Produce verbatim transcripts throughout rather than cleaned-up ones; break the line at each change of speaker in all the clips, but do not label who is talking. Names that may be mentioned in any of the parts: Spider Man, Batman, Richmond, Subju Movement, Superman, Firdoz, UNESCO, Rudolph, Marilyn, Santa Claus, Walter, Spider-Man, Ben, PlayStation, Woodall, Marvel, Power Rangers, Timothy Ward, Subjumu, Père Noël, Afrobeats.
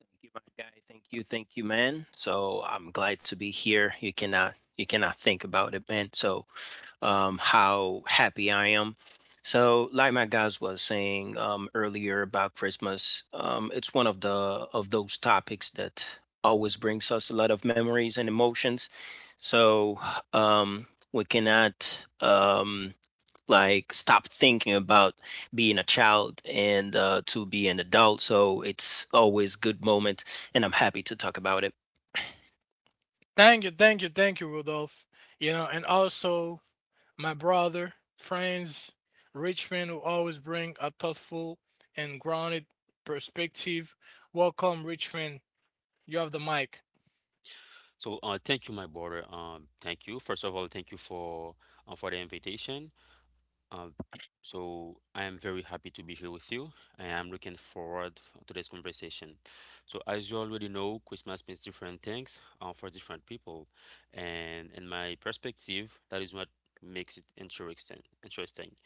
Thank you, my guy. Thank you, thank you, man. So I'm glad to be here. You cannot you cannot think about it, man. So um how happy I am. So like my guys was saying um earlier about Christmas, um it's one of the of those topics that always brings us a lot of memories and emotions. So um we cannot um like stop thinking about being a child and uh, to be an adult. So it's always good moment, and I'm happy to talk about it.
So, uh, thank you, my brother. Um, thank you. First of all, thank you for uh, for the invitation. Um, so I am very happy to be here with you. I am looking forward f- to this conversation. So, as you already know, Christmas means different things uh, for different people, and in my perspective, that is what makes it interesting. Interesting.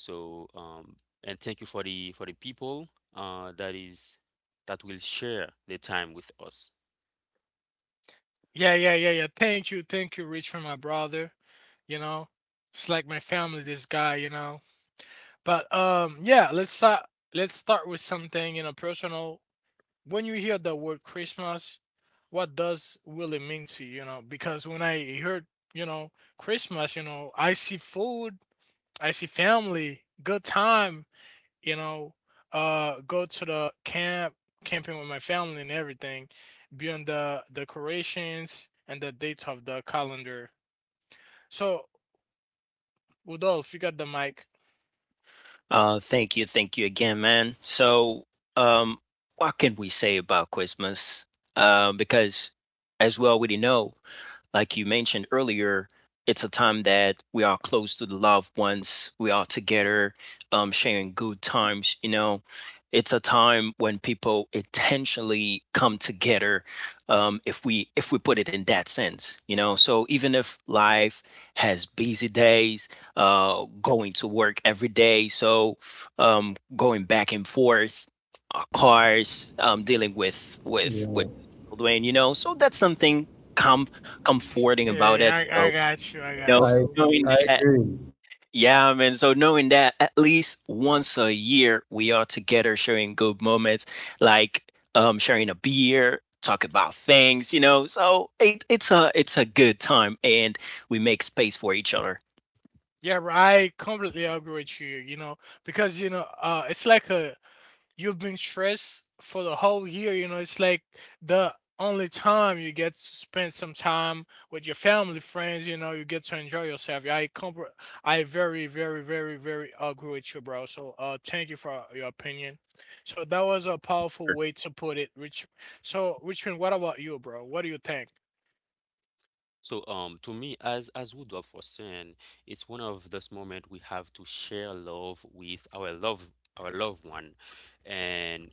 So, um, and thank you for the for the people uh, that is that will share the time with us.
Uh, thank you, thank you again, man. So, um, what can we say about Christmas? Uh, because as we already know, like you mentioned earlier, it's a time that we are close to the loved ones. We are together, um, sharing good times. You know, it's a time when people intentionally come together. Um, if we if we put it in that sense, you know, so even if life has busy days, uh, going to work every day, so um, going back and forth, uh, cars, um, dealing with with
Yeah,
with children, you know, so that's something comforting about it. So, you know,
I
knowing
I
that,
agree.
yeah, man. So knowing that at least once a year we are together sharing good moments, like um sharing a beer, talk about things, you know. So it, it's a it's a good time, and we make space for each other.
So, um, to me, as as Rudolph was saying, it's one of those moments we have to share love with our love our loved one, and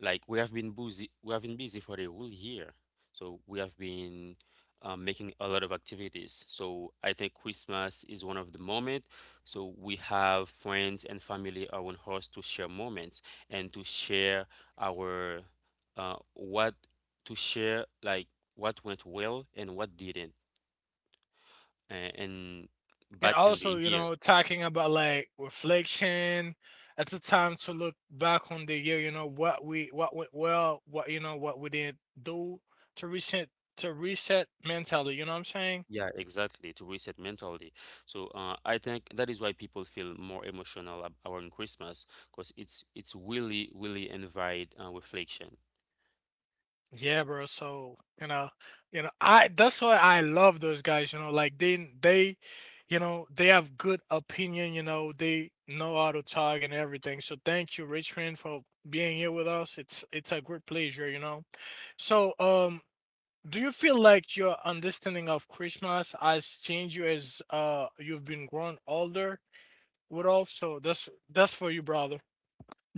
like we have been busy we have been busy for the whole year, so we have been um, making a lot of activities. So I think Christmas is one of the moment. So we have friends and family around us to share moments and to share our uh, what to share, like what went well and what didn't, uh, in back in the year. Yeah, exactly, to reset mentally. So uh, I think that is why people feel more emotional ab- around Christmas because it's it's really really invite uh, reflection.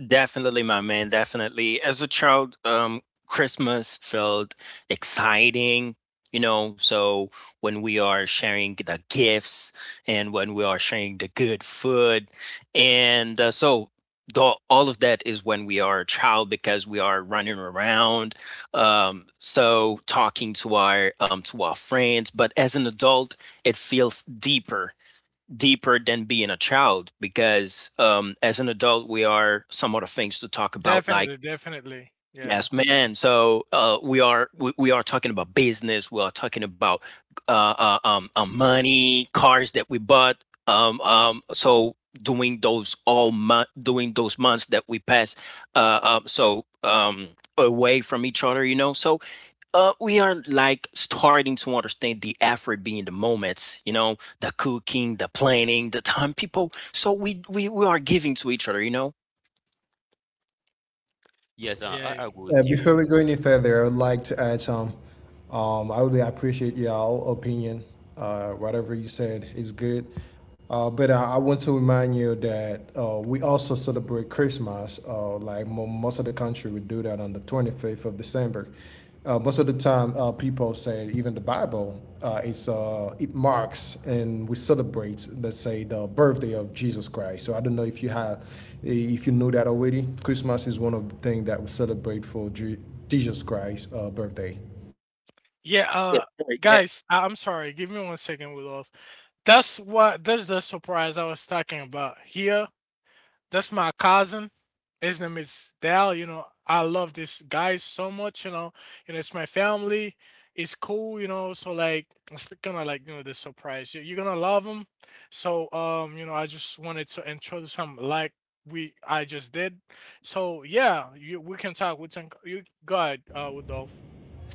Definitely, my man. Definitely. As a child, um, Christmas felt exciting, you know. So when we are sharing the gifts and when we are sharing the good food, and uh, so the, all of that is when we are a child because we are running around, um, so talking to our um, to our friends. But as an adult, it feels deeper deeper than being a child because um, as an adult we are some other things to talk about like yes man so uh, we are we, we are talking about business, we are talking about uh, uh, um, uh, money, cars that we bought, um, um, so doing those all month doing those months that we pass uh, um, so um, away from each other, you know. So uh, we are like starting to understand the effort being the moments, you know, the cooking, the planning, the time people. So we we, we are giving to each other, you know.
Yes, uh, I agree
Uh,
with you.
before we go any further, I would like to add some. Um, I would appreciate y'all opinion. Uh, whatever you said is good. Uh, but I, I want to remind you that uh, we also celebrate Christmas. Uh, like mo- most of the country, we do that on the twenty-fifth of December. Uh, most of the time, uh, people say even the Bible, uh, it's, uh, it marks and we celebrate, let's say, the birthday of Jesus Christ. So I don't know if you have, if you know that already. Christmas is one of the things that we celebrate for Jesus Christ's uh, birthday.
Yeah, sorry, yeah,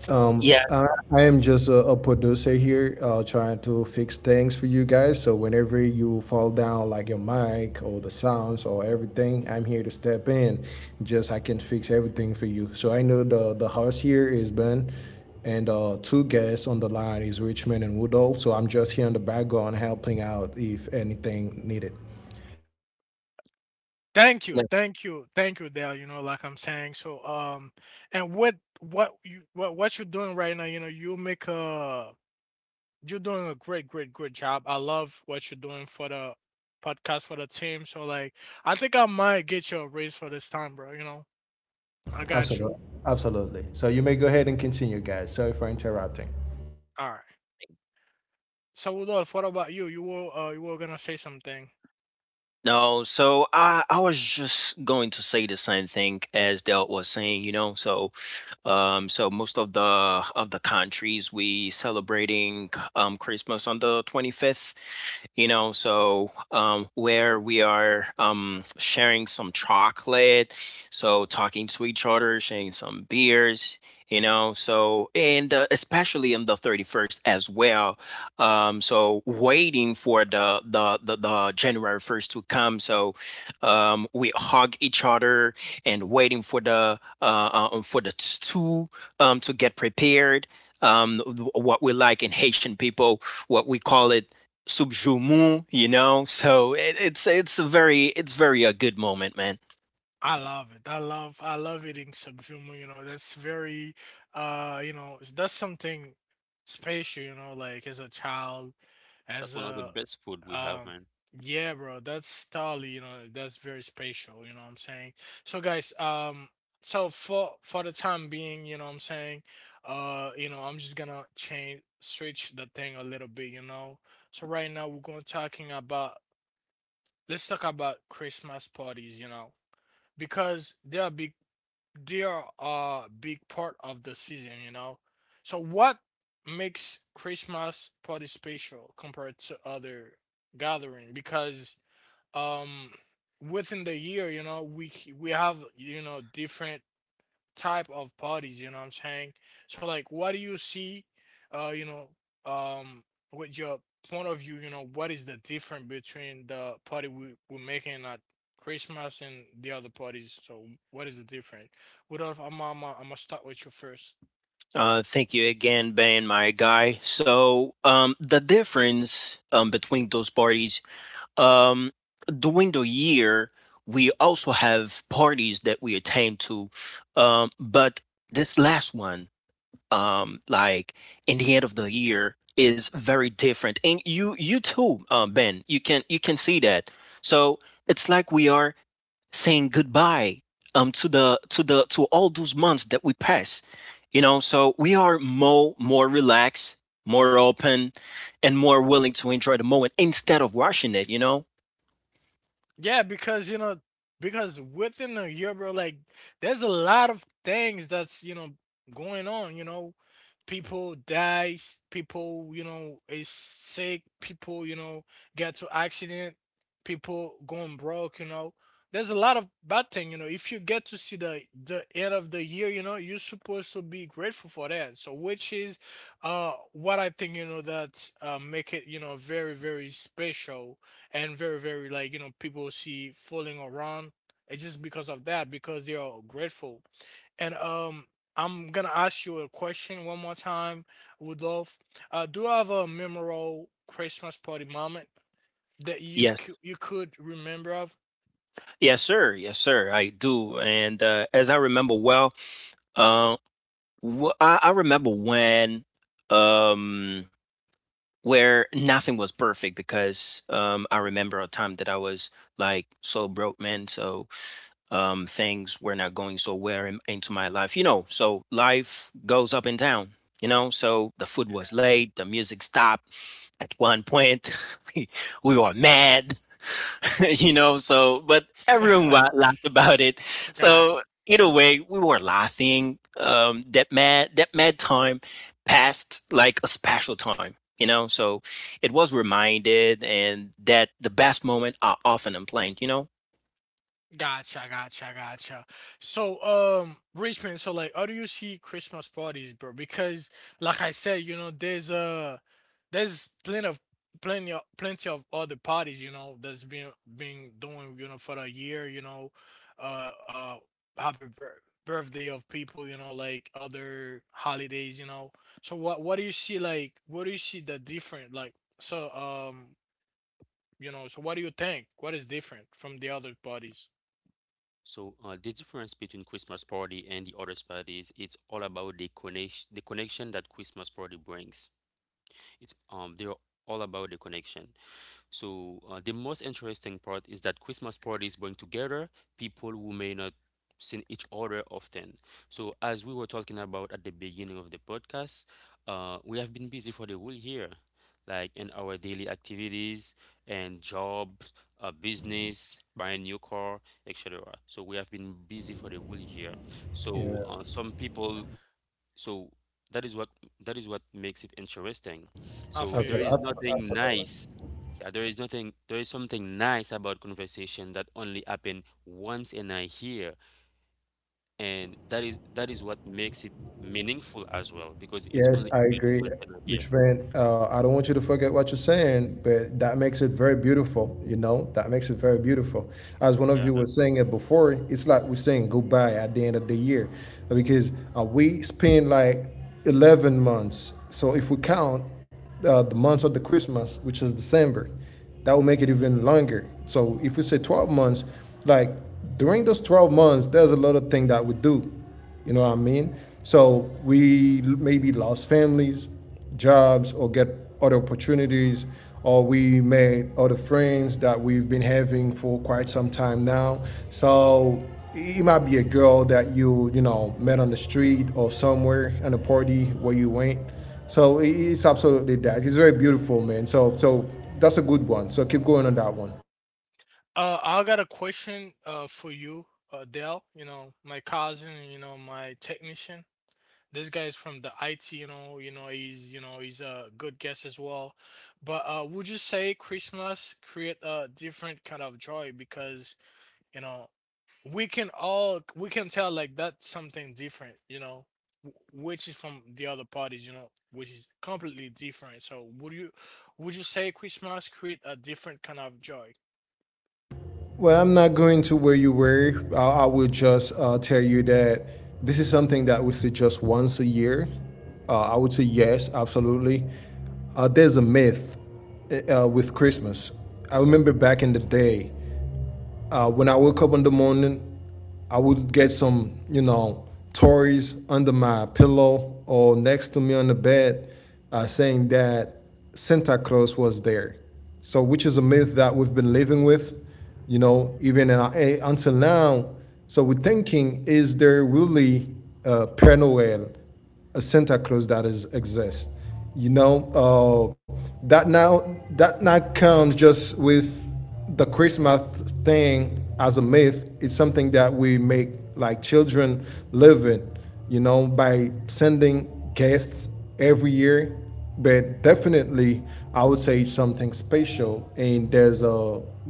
Um,
yeah.
I, I am just a, a producer here, uh, trying to fix things for you guys. So whenever you fall down, like your mic or the sounds or everything, I'm here to step in. Just I can fix everything for you. So I know the the host here is Ben, and uh, two guests on the line is Richmond and Woodall. So I'm just here in the background helping out if anything needed.
Like,
Absolutely, absolutely. So you may go ahead and continue, guys. Sorry for interrupting.
no, so I I was just going to say the same thing as Del was saying, you know. So um, so most of the of the countries we celebrating um Christmas on the twenty-fifth, you know. So um, where we are um, sharing some chocolate, so talking to each other, sharing some beers, you know. So and uh, especially on the thirty-first as well, um, so waiting for the, the the the January first to come. So um, we hug each other and waiting for the uh, uh, um, for the stew um, to get prepared, um, what we like in Haitian people, what we call it subjumu, you know. So it, it's it's a very it's very a good moment, man.
That's one of the best food we have, man.
Uh, thank you again, Ben, my guy. So um, the difference um, between those parties, um, during the year, we also have parties that we attend to, um, but this last one, um, like in the end of the year, is very different. And you you too, um, Ben, you can you can see that. So it's like we are saying goodbye, um, to the to the to all those months that we pass. You know, so we are more more relaxed, more open, and more willing to enjoy the moment instead of rushing it. You know. Yes, yes, sir, yes, sir, I do. And uh, as I remember well, uh, wh- I, I remember when um where nothing was perfect because um I remember a time that I was like so broke, man. So um things were not going so well, in, into my life, you know. So life goes up and down, you know. So the food was late, the music stopped at one point. we, we were mad. You know, so, but everyone wa- laughed about it. So either way, we were laughing. um that mad that mad time passed like a special time, you know. So it was reminded, and that the best moment are often unplanned, you know.
So uh, the difference between Christmas party and the other parties, it's all about the connection the connection that Christmas party brings. It's um they're all about the connection. So uh, the most interesting part is that Christmas parties bring together people who may not see each other often. So as we were talking about at the beginning of the podcast, uh, we have been busy for the whole year, like in our daily activities and jobs, uh, business, buying a new car, et cetera. So we have been busy for the whole year. So
Yeah,
uh, some people, so that is what that is what makes it interesting. So there is
absolutely,
nothing
absolutely.
nice, yeah, there is nothing there is something nice about conversation that only happen once in a year, and that is that is what makes it meaningful as well because it's
Yes,
only
I
happen
agree.
once in a year.
Which meant uh, I don't want you to forget what you're saying, but that makes it very beautiful. You know, that makes it very beautiful. As one of
Yeah,
you was saying it before, it's like we're saying goodbye at the end of the year, because uh, we spend like eleven months. So if we count uh, the month of the Christmas, which is December, that will make it even longer. So if we say twelve months, like during those twelve months, there's a lot of things that we do, you know what I mean? So we maybe lost families, jobs, or get other opportunities, or we made other friends that we've been having for quite some time now. So it might be a girl that you you know, met on the street or somewhere at a party where you went. So it's absolutely that. It's very beautiful, man. So so that's a good one. So keep going on that one. Well, I'm not going to where you were. I, I will just uh, tell you that this is something that we see just once a year. Uh, I would say yes, absolutely. Uh, there's a myth uh, with Christmas. I remember back in the day, uh, when I woke up in the morning, I would get some, you know, Tories under my pillow or next to me on the bed uh, saying that Santa Claus was there. So, which is a myth that we've been living with, you know, even in our, eh, until now. So, we're thinking, is there really a Père Noël, a Santa Claus that is exists? You know, uh, that now that now comes just with the Christmas thing as a myth is something that we make like children live in, you know, by sending gifts every year. But definitely, I would say it's something special, and there's a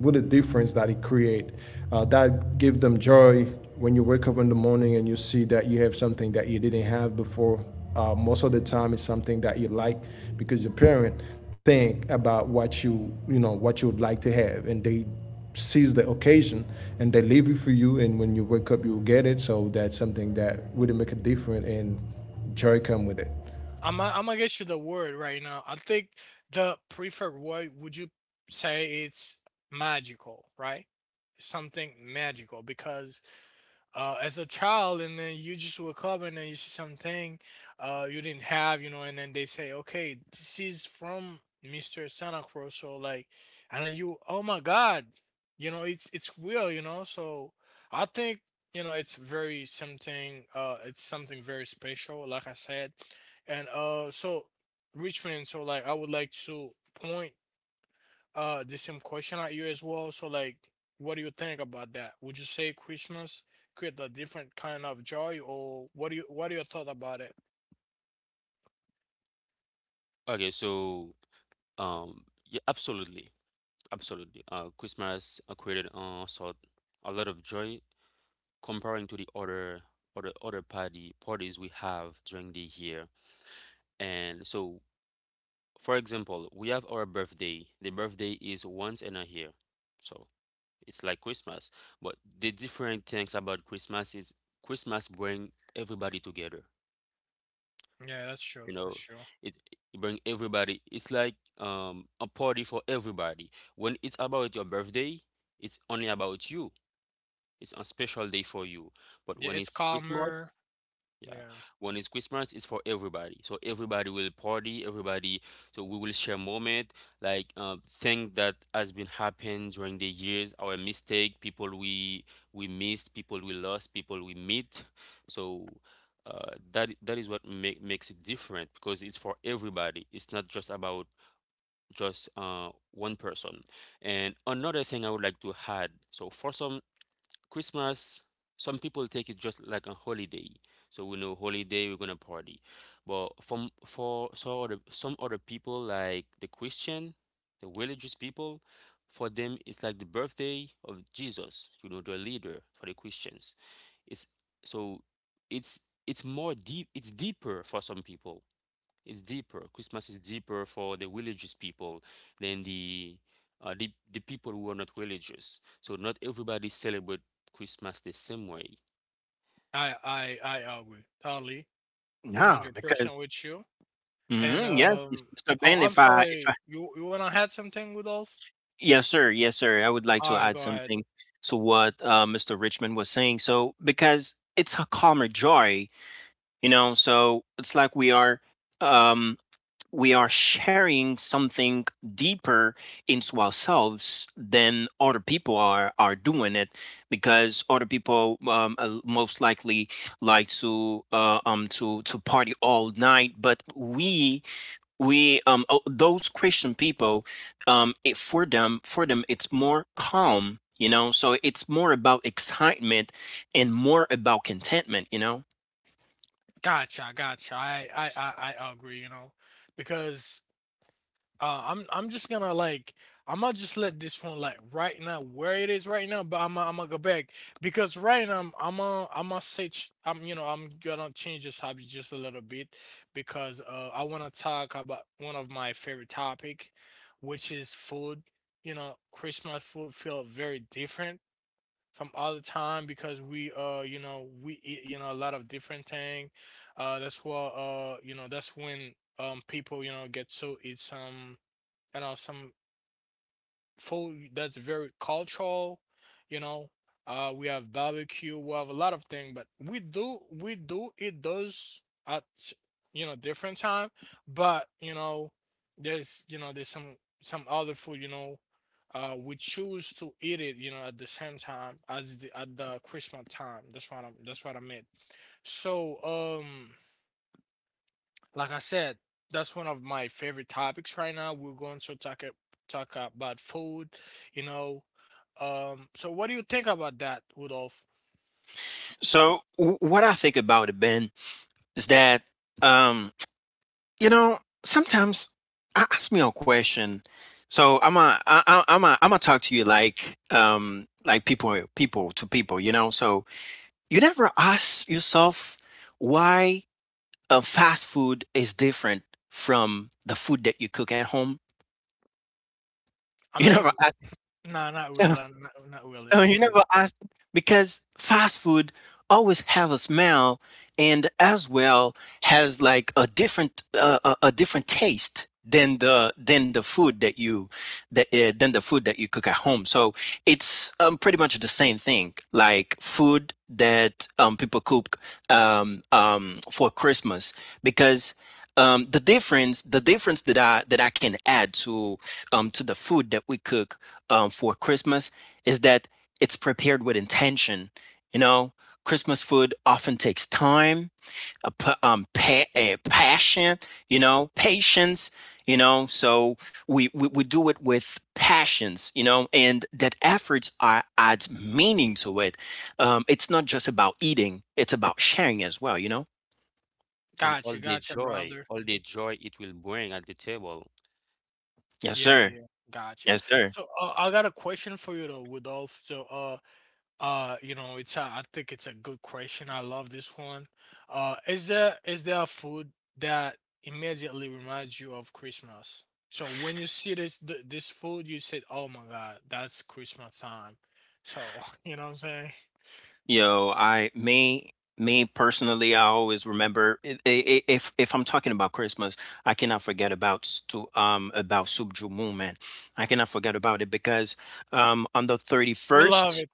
what a difference that it create. Uh, that give them joy, when you wake up in the morning and you see that you have something that you didn't have before, uh, most of the time it's something that you like because your parent think about what you you know, what you would like to have and they seize the occasion and they leave it for you and when you wake up you'll get it, so that's something that really make a difference and joy come with it.
okay. So, um yeah, absolutely absolutely. uh Christmas uh, created uh sort a lot of joy, comparing to the other other other party parties we have during the year. And so, for example, we have our birthday. The birthday is once in a year. So it's like Christmas. But the different things about Christmas is Christmas bring everybody together. You know, it, it bring everybody. It's like um a party for everybody. When it's about your birthday, it's only about you. It's a special day for you. But when it's Christmas, Yeah, when it's Christmas, it's for everybody. So everybody will party, everybody. So we will share moment, like uh, thing that has been happened during the years, our mistake, people we we missed, people we lost, people we meet. So uh, that that is what make, makes it different because it's for everybody. It's not just about just uh, one person. And another thing I would like to add. So for some, Christmas, some people take it just like a holiday. So we know holiday, we're gonna party. But from for so other, some other people like the Christian, the religious people, for them it's like the birthday of Jesus, you know, their leader for the Christians. It's So it's it's more deep, it's deeper for some people. It's deeper. Christmas is deeper for the religious people than the uh, the the people who are not religious. So not everybody celebrate Christmas the same way,
No, because mhm, yes, Mis- Mister Ben, if I if I, yes, sir, yes, sir. I would like to add something to what uh, Mister Richmond was saying. So because it's a calmer joy, you know, so it's like we are um we are sharing something deeper into ourselves than other people are are doing it, because other people um uh, most likely like to uh, um to to party all night. But we we um oh, those Christian people, um it for them for them it's more calm, you know. So it's more about excitement and more about contentment, you know. So w- what I think about it, Ben, is that um You know, sometimes I ask me a question. So I'm a, I, I- I'm a, I'm gonna talk to you like, um, like people, people to people. You know, so you never ask yourself why a fast food is different from the food that you cook at home. You never ask. So, you know what I s- because fast food always have a smell, and as well has like a different uh, a, a different taste than the than the food that you that uh, than the food that you cook at home. So it's um, pretty much the same thing, like food that um, people cook, um, um, for Christmas, because um, the difference the difference that I that I can add to, um, to the food that we cook, um, for Christmas, is that it's prepared with intention. You know, Christmas food often takes time, a, um, pa- a passion, you know, patience, you know. So we, we, we do it with passions, you know, and that effort are, adds meaning to it. Um, it's not just about eating, it's about sharing as well, you know?
and all the joy, all the joy it will bring at the table.
Yes, sir. Yes, sir. You know, I me me personally, I always remember i- i- if if I'm talking about Christmas, I cannot forget about stu- um about Subju Movement. I cannot forget about it because um on the thirty-first.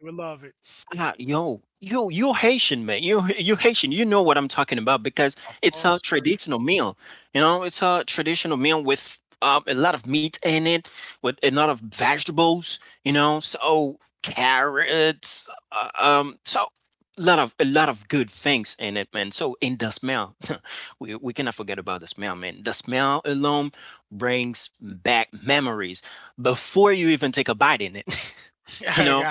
Ah, yo, yo, you Haitian man, you you Haitian, you know what I'm talking about, because it's a traditional meal. You know, it's a traditional meal with um, a lot of meat in it, with a lot of vegetables. You know, so carrots, uh, um, so a lot of a lot of good things in it, man. So in the smell, we we cannot forget about the smell, man. The smell alone brings back memories before you even take a bite in it. You know.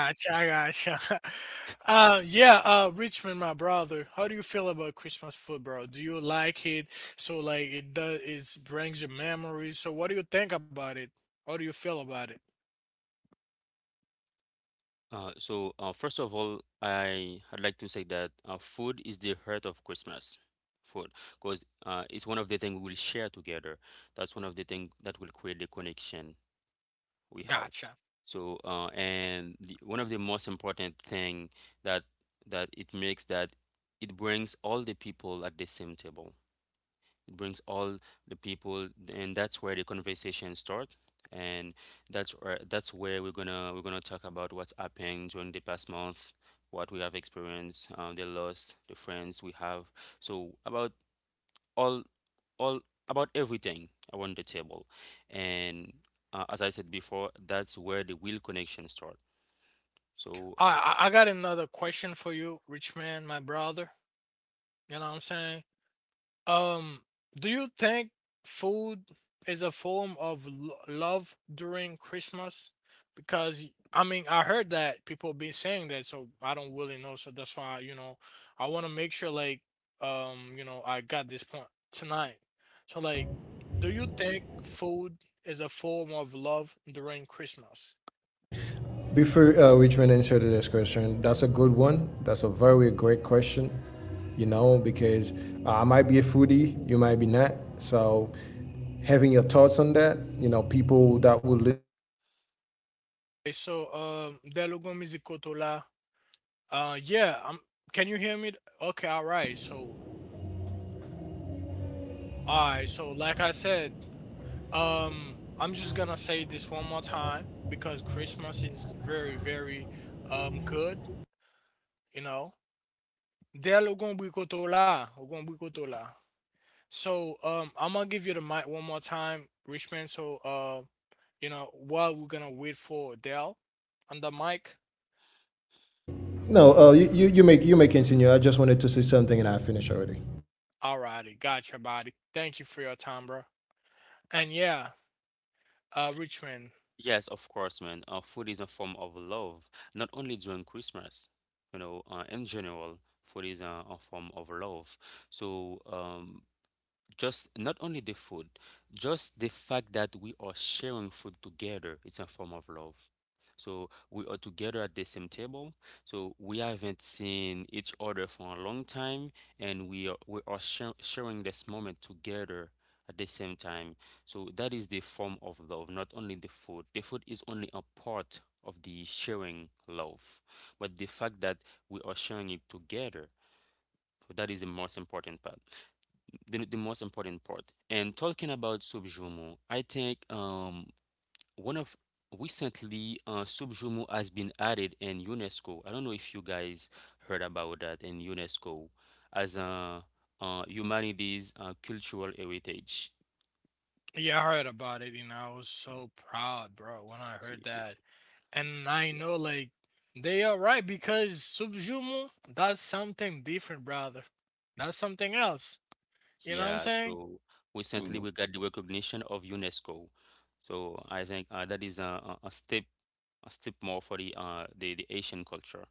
Uh, so uh, first of all, I I'd like to say that uh, food is the heart of Christmas. Food, because uh, it's one of the things we will share together. That's one of the things that will create the connection we have. So, uh, and the, one of the most important thing that that it makes that it brings all the people at the same table. It brings all the people, and that's where the conversation start. And that's where that's where we're gonna we're gonna talk about what's happened during the past month, what we have experienced, um, the loss, the friends we have. So about all all about everything around the table. And uh, as I said before, that's where the real connection starts. So
Before uh, Richmond answered this question, that's a good one. That's a very great question, you know, because uh, I might be a foodie, you might be not. So having your thoughts on that, you know, people that will. Li- no, uh, you, you, you, make, you may continue. I just wanted to say something and I finished already.
yes, of course, man, uh, food is a form of love, not only during Christmas. You know, uh, in general, food is a, a form of love. So um, just not only the food, just the fact that we are sharing food together, it's a form of love. So we are together at the same table. So we haven't seen each other for a long time, and we are we are shar- sharing this moment together at the same time. So that is the form of love, not only the food. The food is only a part of the sharing love, but the fact that we are sharing it together. So that is the most important part the, the most important part. And talking about Subjumu, I think um one of recently uh, Subjumu has been added in UNESCO. I don't know if you guys heard about that in UNESCO as a uh, humanities uh, cultural heritage. Ye- ye- ye- Yeah, so recently we got the recognition of UNESCO. So I think uh, that is a, a a step a step more for the uh the, the Asian culture.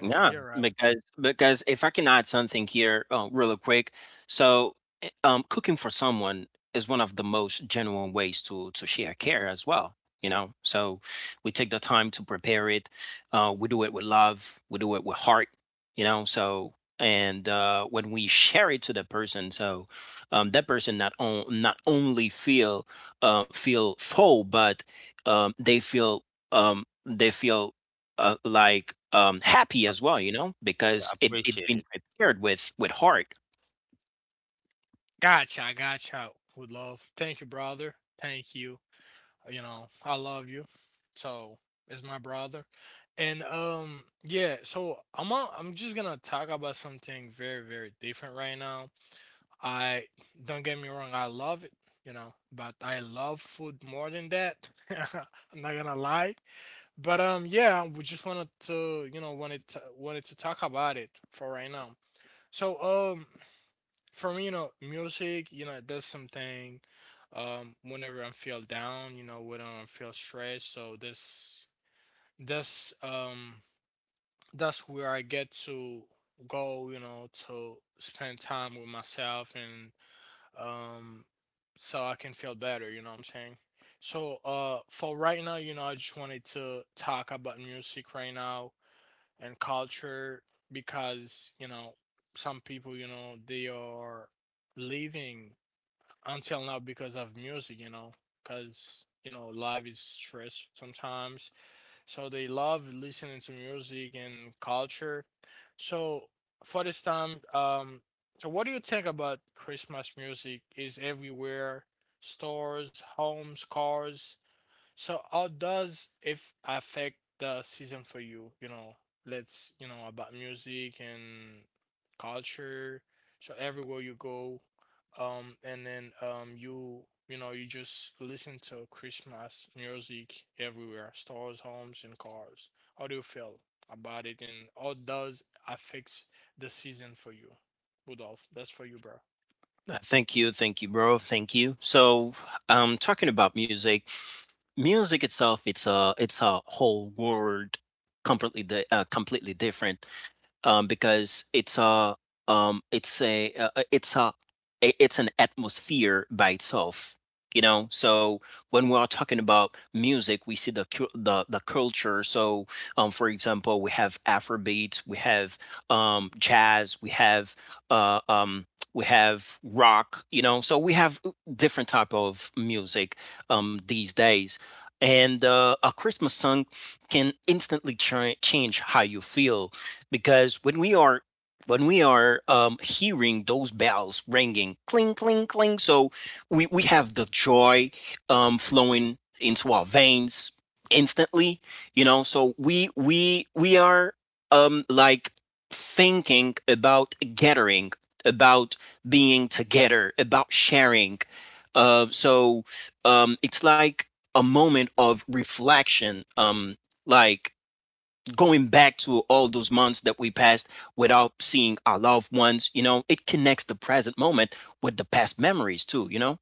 Yeah, because because if I can add something here, uh, really quick. So, eh, um, cooking for someone is one of the most genuine ways to to share care as well. You know, so we take the time to prepare it. Uh, we do it with love. We do it with heart. You know. So and uh, when we share it to the person, so um, that person, not on, not only feel uh, feel full, but um, they feel um, they feel uh, like um, happy
Ap-
as well, you know, because it it's
Appreciated.
been prepared with with heart. Uh, Thank you, thank you, bro. Thank you. So, um, talking about music, music itself, it's a it's a whole world, completely di- uh, completely different. Um, because it's a um, it's a uh, uh, it's a I- it's an atmosphere by itself. You know, so when we are talking about music, we see the cul- the the culture. So, um, for example, we have Afrobeats, we have um, jazz, we have uh, um, we have rock. You know, so we have uh, different type of music um, these days, and uh, a Christmas song can instantly ch- change how you feel, because when we are when we are um, hearing those bells ringing, cling, cling, cling. So we, we have the joy um, flowing into our veins instantly, you know. So we we we are um, like thinking about gathering, about being together, about sharing. Uh, so um, it's like a moment of reflection, um, like going back to all those months that we passed without seeing our loved ones, you know. It connects the present moment with the past memories too, you know?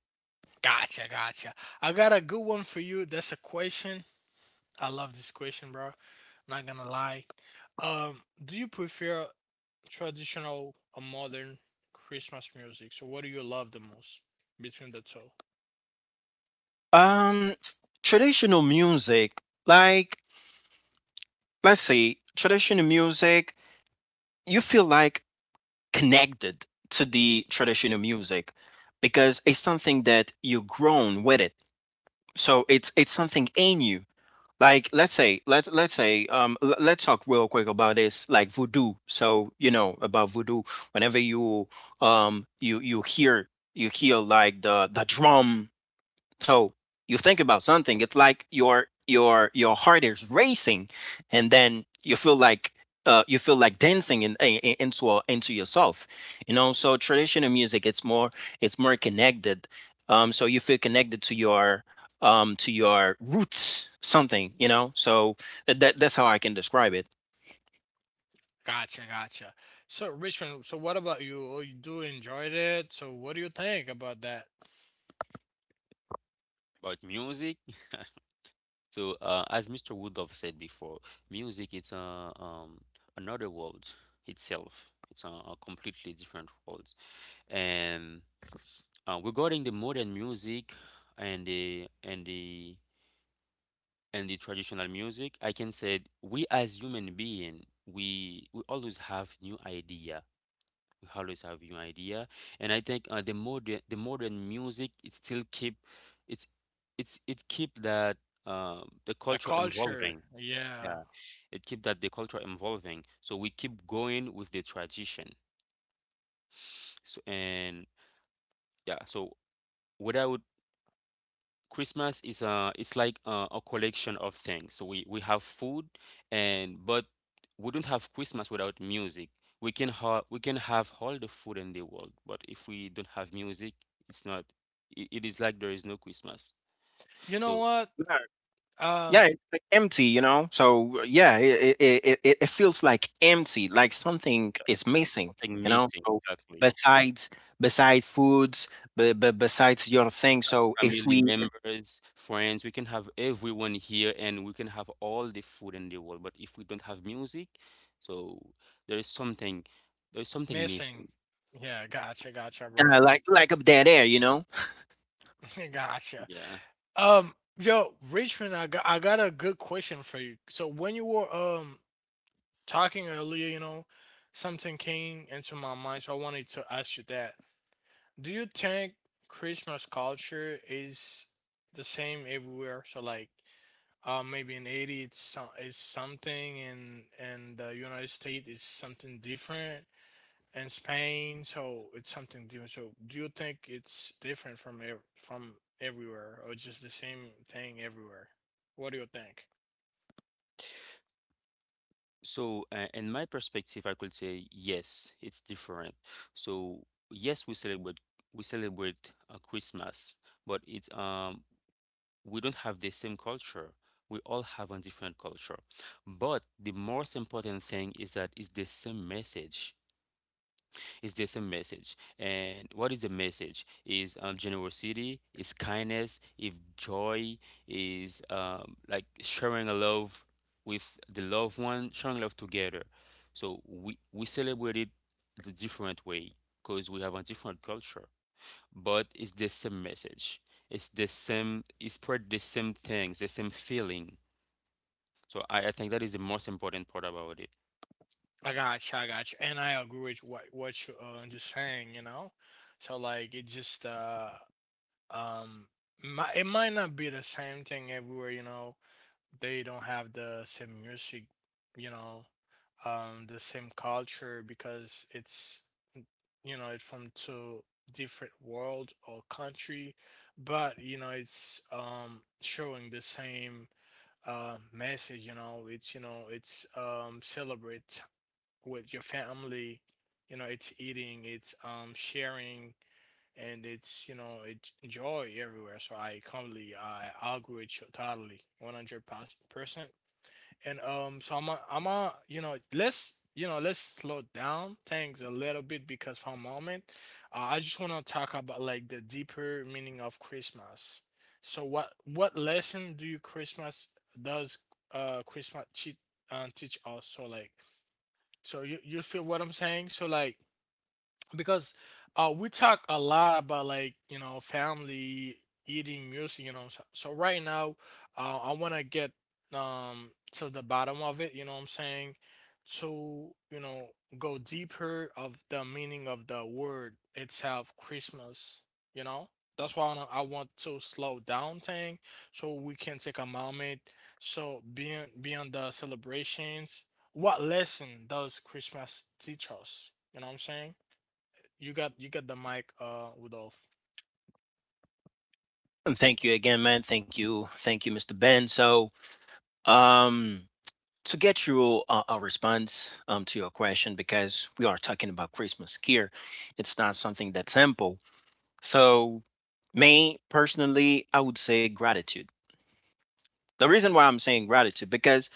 Um, s- traditional music, like let's say traditional music, you feel like connected to the traditional music because it's something that you've grown with it. So it's it's something in you. Like let's say let's let's say um l- let's talk real quick about this, like, voodoo. So you know about voodoo. Whenever you um you you hear, you hear like the the drum, so you think about something, it's like your your your heart is racing, and then you feel like uh, you feel like dancing in, in, into a- into yourself, you know. So traditional music, it's more it's more connected. Um, so you feel connected to your um to your roots, something, you know. So that that's how I can describe it.
About music, so uh, as mister Woodruff said before, music it's a um, another world itself. It's a, a completely different world. And uh, regarding the modern music and the and the and the traditional music, I can say we as human being, we we always have new ideas We always have new idea. And I think uh, the modern the modern music it still keep it's it's it keep that, uh, the culture evolving. Yeah, it keep that the culture evolving. So we keep going with the tradition. So and yeah, so without Christmas is, uh it's like, uh, a collection of things. So we we have food, and but we don't have Christmas without music. We can ha we can have all the food in the world, but if we don't have music, it's not it, it is like there is no Christmas. So
Yeah, it's like empty, you know? So, yeah, it, it, it, it it feels like empty, like something is missing,
something
you know?
missing,
So,
exactly.
besides besides foods, but, but besides your thing, so if
Family
we
members, friends, we can have everyone here and we can have all the food in the world, but if we don't have music, so there is something there is something missing.
uh, like like a dead air, you know?
Yeah. So, uh, in my perspective, I could say yes, it's different. So, yes, we celebrate we celebrate uh, Christmas, but it's um we don't have the same culture. We all have a different culture. But the most important thing is that it's the same message. Is There's a message. And what is the message? Is, um, generosity, is kindness, if joy, is, um, like sharing a love with the loved one, sharing love together. So we, we celebrate it the different way because we have a different culture, but it's the same message. It's the same, it's spread the same things, the same feeling. So I, I think that is the most important part about it.
And thank you again, man. Thank you, thank you, mister Ben. So, um, to get you a, a response um to your question, because we are talking about Christmas here, it's not something that's simple. So, me personally, I would say gratitude. The reason why I'm saying gratitude, because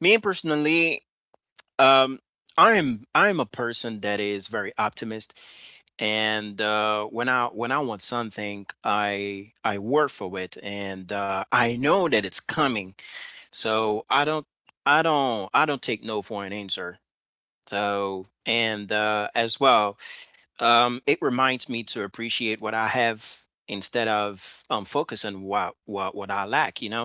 me personally, um, I'm I'm a person that is very optimist, and uh, when I when I want something, I I work for it, and uh, I know that it's coming. So I don't I don't I don't take no for an answer. So and uh, as well, um, it reminds me to appreciate what I have instead of um, focusing what what what I lack. You know.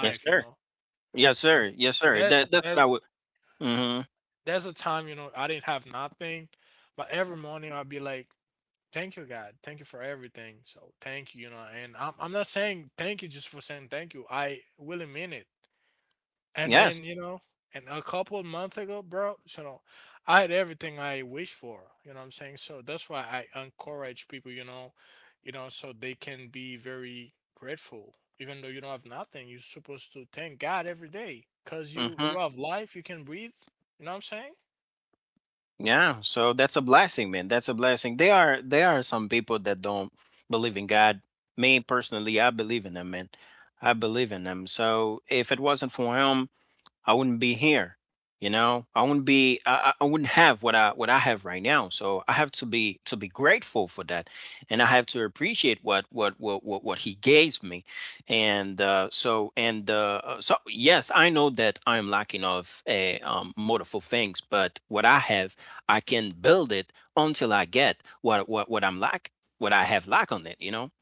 Yes, sir. Yes, sir. Yes, sir. That that's what I would. Hmm. Yes. Hmm. Yeah. So that's a blessing, man. That's a blessing. There are there are some people that don't believe in God. Me personally, I believe in them, man. I believe in them. So if it wasn't for him, I wouldn't be here. You know, I wouldn't be, I, I I wouldn't have what I what I have right now. So I have to be to be grateful for that, and I have to appreciate what what what what, what he gave me, and uh, so and uh, uh, so yes, I know that I am lacking of a, um, multiple things, but what I have, I can build it until I get what what what I'm lack, what I have lack on it. You know,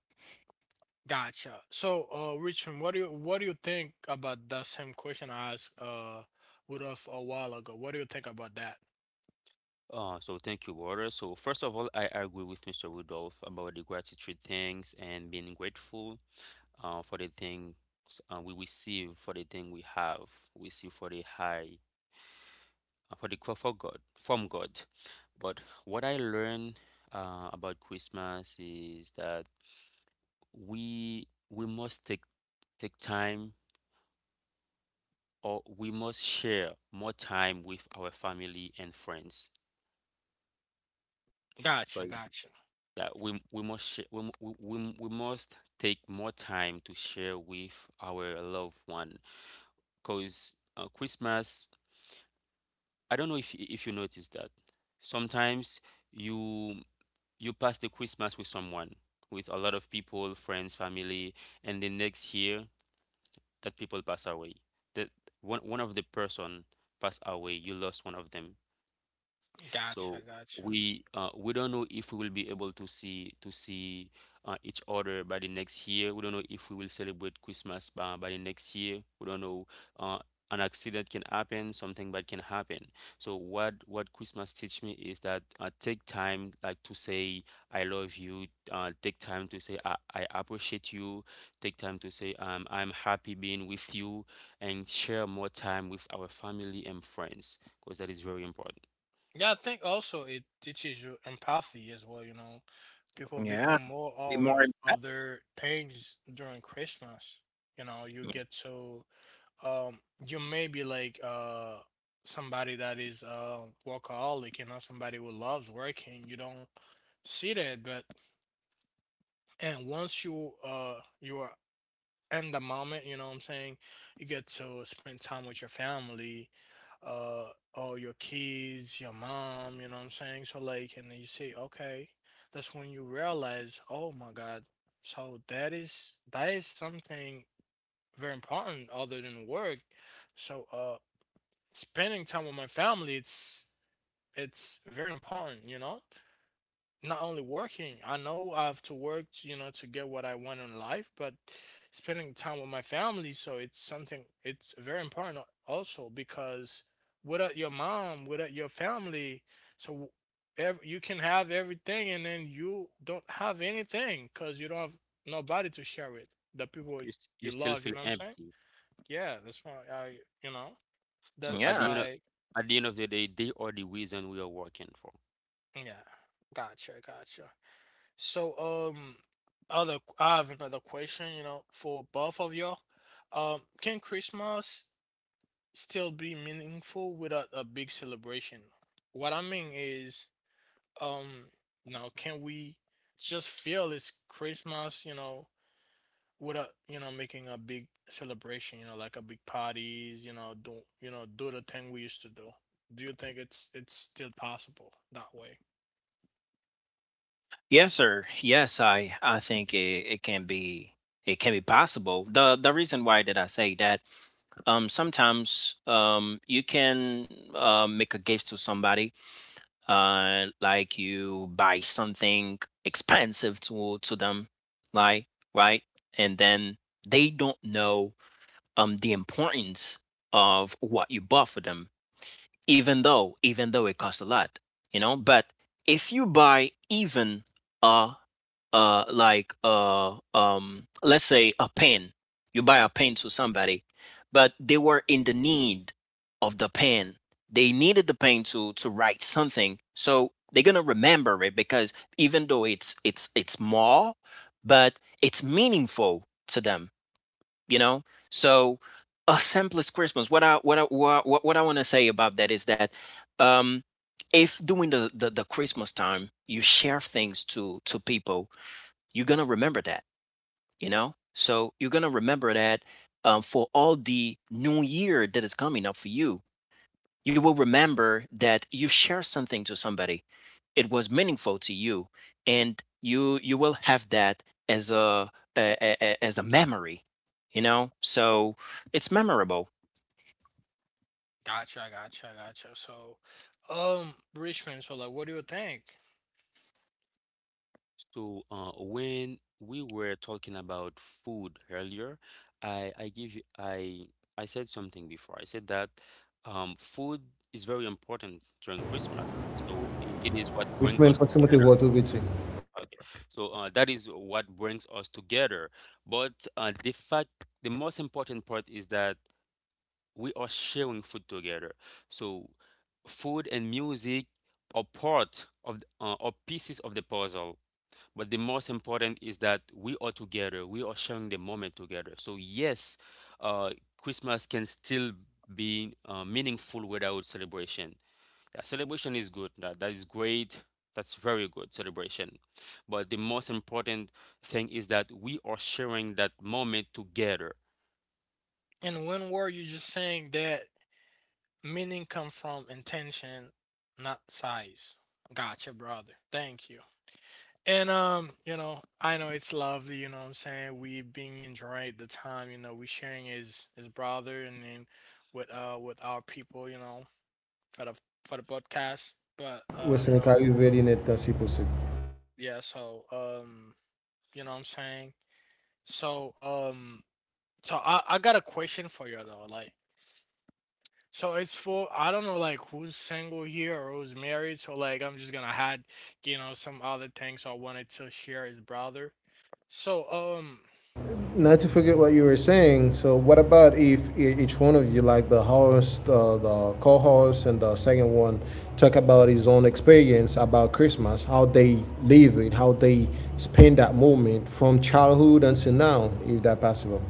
Uh, so thank you, Walter. So first of all, I agree with mister Rudolph about the gratitude things and being grateful uh, for the things uh, we receive, for the thing we have, we see for the high, uh, for the for God, from God. But what I learned uh, about Christmas is that we we must take take time or we must share more time with our family and friends, that we we must share, we, mu- we, we we must take more time to share with our loved one, because uh, Christmas, I don't know if y- if you notice that sometimes you you pass the Christmas with someone, with a lot of people, friends, family, and the next year that people pass away, that one one of the person pass away, you lost one of them. So we uh, we don't know if we will be able to see to see uh, each other by the next year. We don't know if we will celebrate Christmas by, by the next year. We don't know, uh, an accident can happen, something bad can happen. So what what Christmas teach me is that, uh, take time, like, to say I love you. Uh, take time to say I, I appreciate you. Take time to say, um, I'm happy being with you, and share more time with our family and friends because that is very important.
yeah, be more empathic.
you st- you still feel empty. So at
Yeah.
the end of, at the end of the day, they are the reason we are working for.
Yes, sir. Yes, I I think it, it can be, it can be possible. The the reason why did I say that, um, sometimes um you can uh, make a gift to somebody, uh like you buy something expensive to to them, like, right, and then they don't know um the importance of what you bought for them, even though even though it costs a lot, you know. But if you buy even a, uh like uh um let's say a pen, you buy a pen to somebody, but they were in the need of the pen, they needed the pen to to write something, so they're gonna remember it, because even though it's it's it's small, but it's meaningful to them, you know. So, a simplest Christmas, what i what i what, what i want to say about that is that, um, if during the, the the Christmas time you share things to to people, you're going to remember that, you know? So you're going to remember that, um, for all the new year that is coming up for you. You will remember that you share something to somebody. It was meaningful to you, and you you will have that as a, a, a- a- as a memory. You know, so it's memorable.
So uh, when we were talking about food earlier, I I give you I I said something before. I said that, um, food is very important during Christmas. So I it is what brings
Richmond,
us.
for Timothy Ward, we're
Okay. So uh, that is what brings us together. But uh, the fact, the most important part is that. We are sharing food together. So food and music are part of the- uh, are pieces of the puzzle. But the most important is that we are together. We are sharing the moment together. So yes, uh, Christmas can still be uh, meaningful without celebration. Yeah, celebration is good. That, that is great. That's very good celebration. But the most important thing is that we are sharing that moment together.
seeing how you really need to see not to forget what you were saying, so what about if e- each one of you, like the host, uh, the co-host, and the second one, talk about his own experience about Christmas, how they live it, how they spend that moment from childhood until now, if that possible?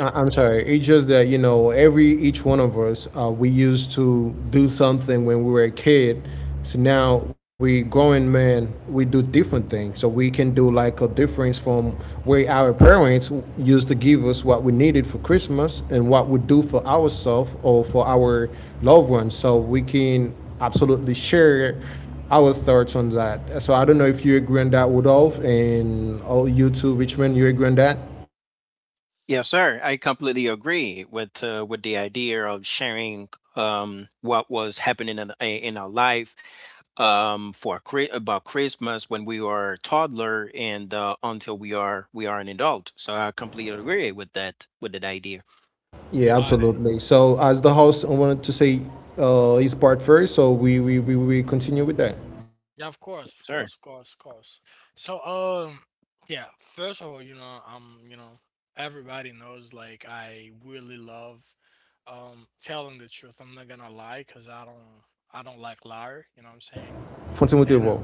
I- I'm sorry. It's just that you know, every each one of us, uh, we used to do something when we were a kid. So now we growing men, we do different things. So we can do like a difference from where our parents used to give us what we needed for Christmas and what we do for ourselves or for our loved ones. So we can absolutely share our thoughts on that. So I don't know if you agree on that, Rudolph, and all you too, Richmond, you agree on that?
Yes, sir. I completely agree with, uh, with the idea of sharing, um, what was happening in, eh, in our life, um, for Chri- about Christmas, when we are a toddler and uh, until we are we are an adult. So I completely agree with that, with that idea.
Yeah, absolutely. So as the host, I wanted to say uh, his part first, so we, we, we, we continue with that.
Sir.
Continue with the vote.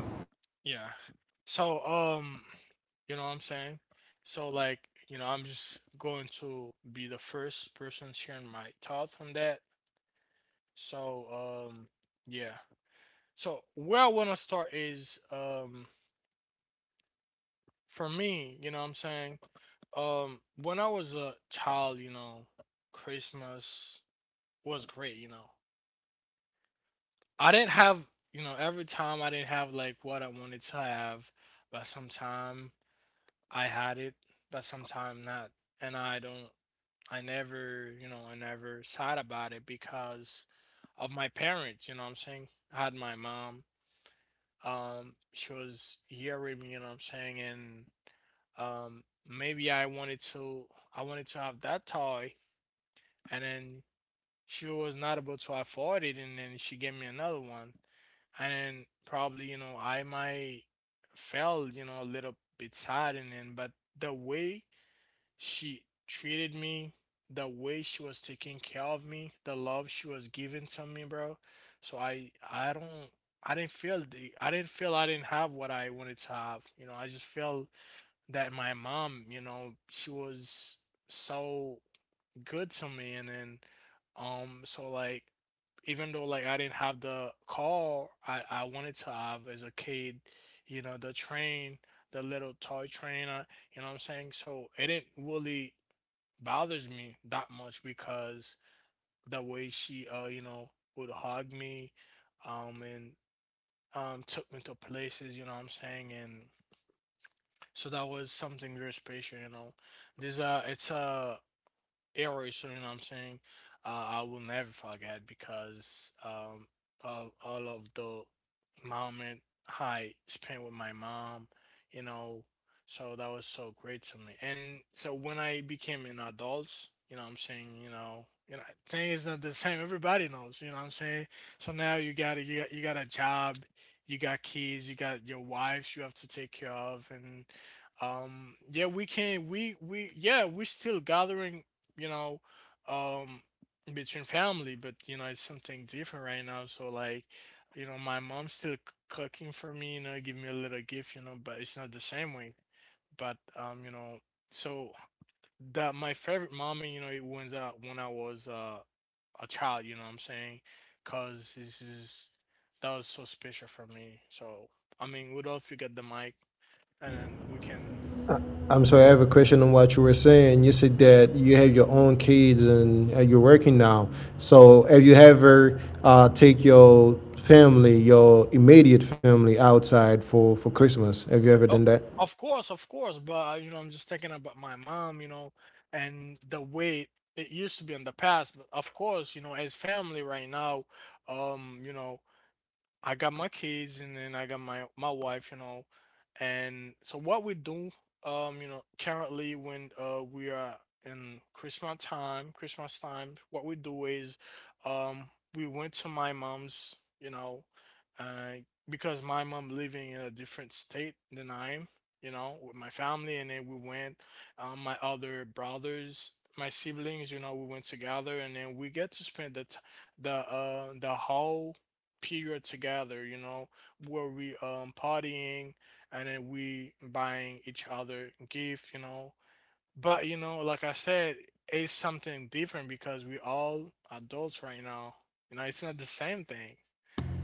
I'm sorry, I have a question on what you were saying. You said that you have your own kids and uh, you're working now. So have you ever uh, take your family, your immediate family outside for, for Christmas? Have you ever done that?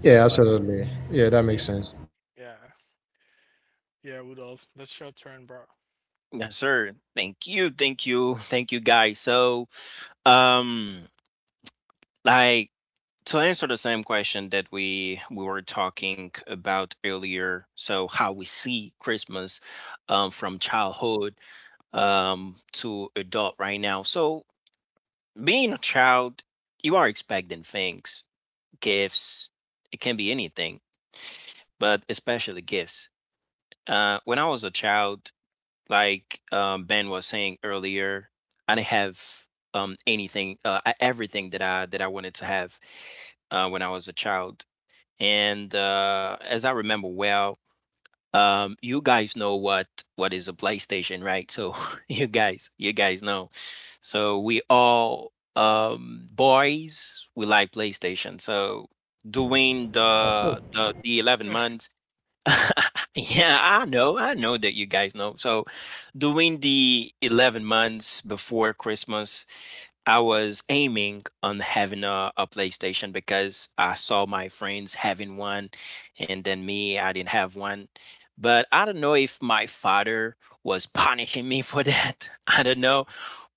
Yeah, absolutely. Yeah, that makes sense.
Yes, sir. Thank you. Thank you. Thank you guys. So, um, like, to answer the same question that we we were talking about earlier, so how we see Christmas, um, from childhood, um, to adult right now. So, being a child, you are expecting things, gifts, it can be anything, but especially gifts. Uh, when I was a child, like, um, Ben was saying earlier, I didn't have, um, anything, uh, I- everything that i that I wanted to have, uh, when I was a child. And uh, as I remember well, um, you guys know what what is a PlayStation, right? So you guys, you guys know. So we all, um, boys, we like PlayStation. So, doing the the the eleven months. Yeah, I know. I know that you guys know. So, during the eleven months before Christmas, I was aiming on having a, a PlayStation, because I saw my friends having one, and then me, I didn't have one. But I don't know if my father was punishing me for that. I don't know.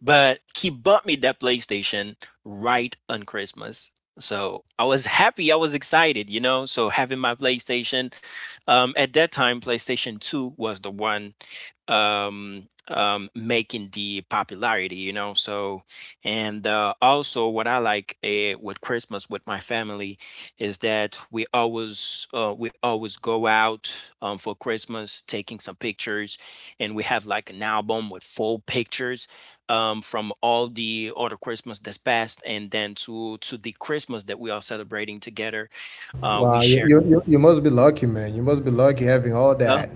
But he bought me that PlayStation right on Christmas. So I was happy. I was excited, you know. So having my PlayStation, um, at that time, PlayStation two was the one, um, um, making the popularity, you know. So, and uh, also what I like, uh, with Christmas with my family, is that we always, uh, we always go out, um, for Christmas, taking some pictures, and we have like an album with full pictures, um, from all the other Christmas that's passed, and then to to the Christmas that we are celebrating together. Uh, we
Wow, you,
share.
you, you you must be lucky, man. You must be lucky having all that.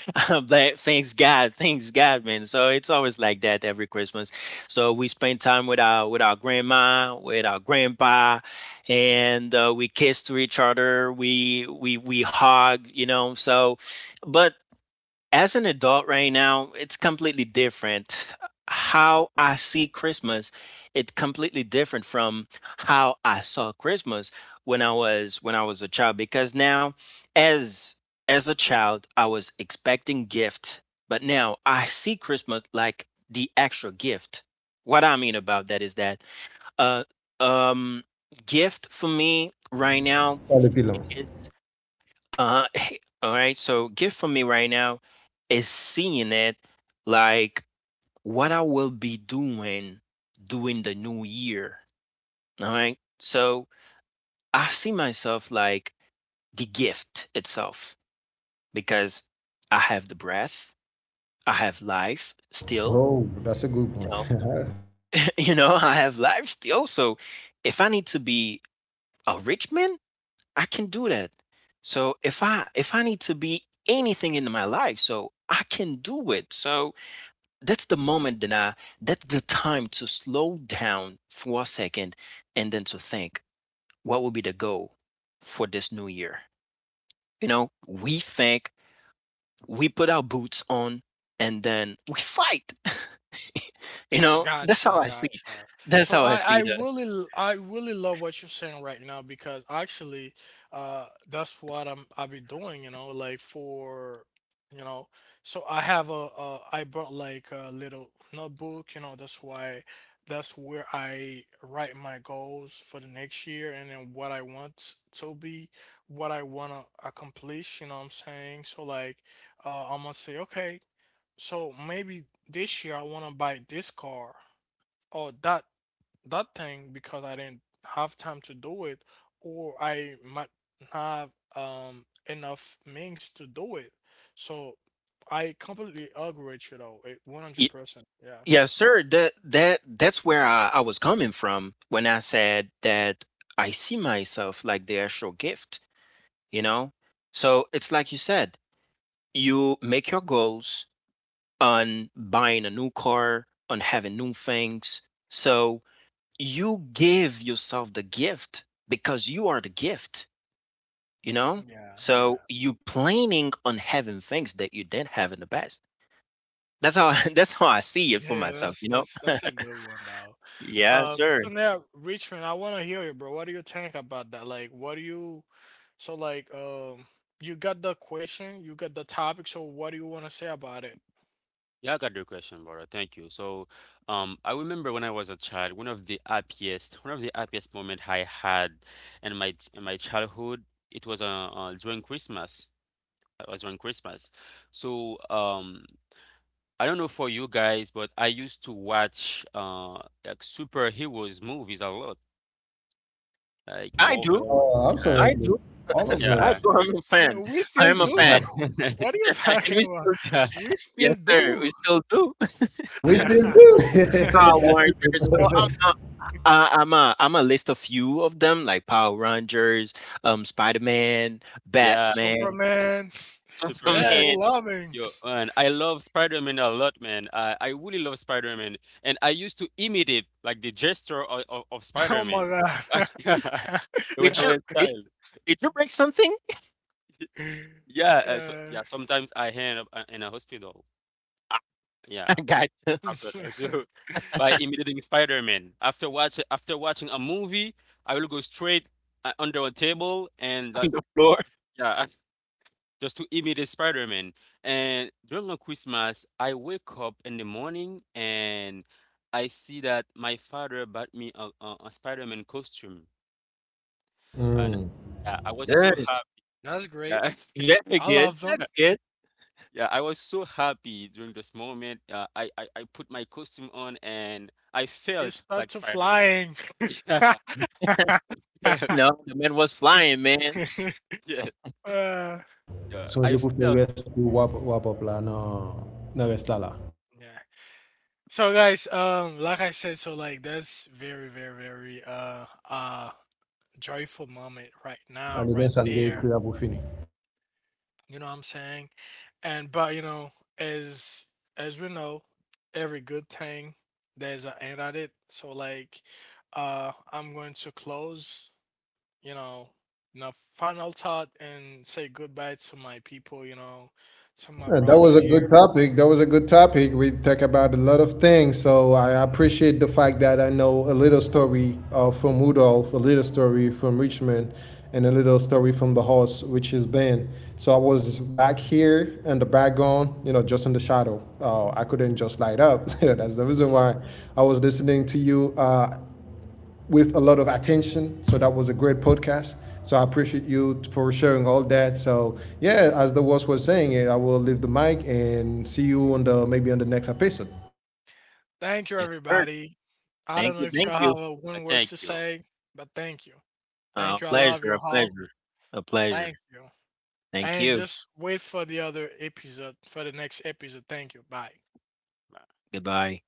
But thanks God, thanks God, man. So it's always like that every Christmas. So we spend time with our, with our grandma, with our grandpa, and uh, we kiss to each other. We we we hug, you know. So, but as an adult right now, it's completely different. How I see Christmas, it's completely different from how I saw Christmas when I was when I was a child, because now, as as a child, I was expecting gift, but now I see Christmas like the actual gift. What I mean about that is that, uh um gift for me right now
Probably be.
is, uh, hey, all right. So, gift for me right now is seeing it, like, what I will be doing during the new year. All right. So, I see myself like the gift itself, because I have the breath, I have life still,
Oh, that's a good
you know,
point.
you know, I have life still. So, if I need to be a rich man, I can do that. So, if I if I need to be anything in my life, so I can do it. So, That's the moment that I, that's the time to slow down for a second and then to think, what will be the goal for this new year? You know, we think, we put our boots on, and then we fight. You know, that's how I see. That's how I see that. Yes, sir. That that that's where I, I was coming from when I said that I see myself like the actual gift, you know? So it's like you said, you make your goals on buying a new car, on having new things. So you give yourself the gift, because you are the gift, you know? So you planning on having things that you didn't have in the past. That's how that's how I see it for myself, you know? Yes, sir.
Yeah, I got your question, brother. Thank you. So, um, I remember when I was a child, one of the happiest, one of the happiest moment I had in my ch- in my childhood, it was uh, uh during Christmas. It was during Christmas. So, um, I don't know for you guys, but I used to watch uh like superheroes movies a lot, like
I do.
Marvel.
Oh,
Yeah,
I
absolutely.
do.
All of
yeah,
I
us.
do. I'm a fan. I am a fan.
yeah, yeah,
And we still, yes, sir. We still do.
We
yes,
still do.
Power
yeah,
That's a good
Rangers. So I'm,
point.
uh, uh, I'm a, I'm a list a few of them, like Power Rangers, um, Spider Man,
yeah,
Batman,
super, yeah.
Superman.
Yo, man, I love Spider-Man a lot, man. I, I really love Spider-Man, and I used to imitate like the gesture of, of, of Spider-Man when I
Did you,
was a
did,
child.
did you break something?
Yeah, uh, so yeah, sometimes I end up uh, in a hospital.
I
Yeah,
got you,
after that, so by imitating Spider-Man. After watch after watching a movie, I will go straight uh, under a table, and that's,
Lord.
yeah. Just to imitate Spider-Man. And during the Christmas, I wake up in the morning and I see that my father bought me a, a, a Spider-Man costume, and
Mm.
yeah, I was so
Good.
happy. Yeah,
Very good. That's good.
yeah, I was so happy during this moment. Uh, I, I I put my costume on and I felt like Spider-Man. Yeah,
No, the man was flying, man.
yeah, yeah. I
Sonje pou fè
felt.
res pou wap, wap up la nan, nan resta la. Ane gen san gen kre pou fini. Uh, That was a good topic. That was a good topic. We talk about a lot of things. So I appreciate the fact that I know a little story uh, from Rudolph, a little story from Richmond, and a little story from the horse, which is Ben. So I was back here in the background, you know, just in the shadow. Uh, I couldn't just light up. That's the reason why I was listening to you. Uh, with a lot of attention. So that was a great podcast. So I appreciate you for sharing all that. So yeah, as the boss was saying, I will leave the mic and see you on the maybe on the next episode.
Yes, sir. Thank you, thank you.
uh, Thank you.
Uh, pleasure, a pleasure, a pleasure. Thank you.
Yeah.
Goodbye.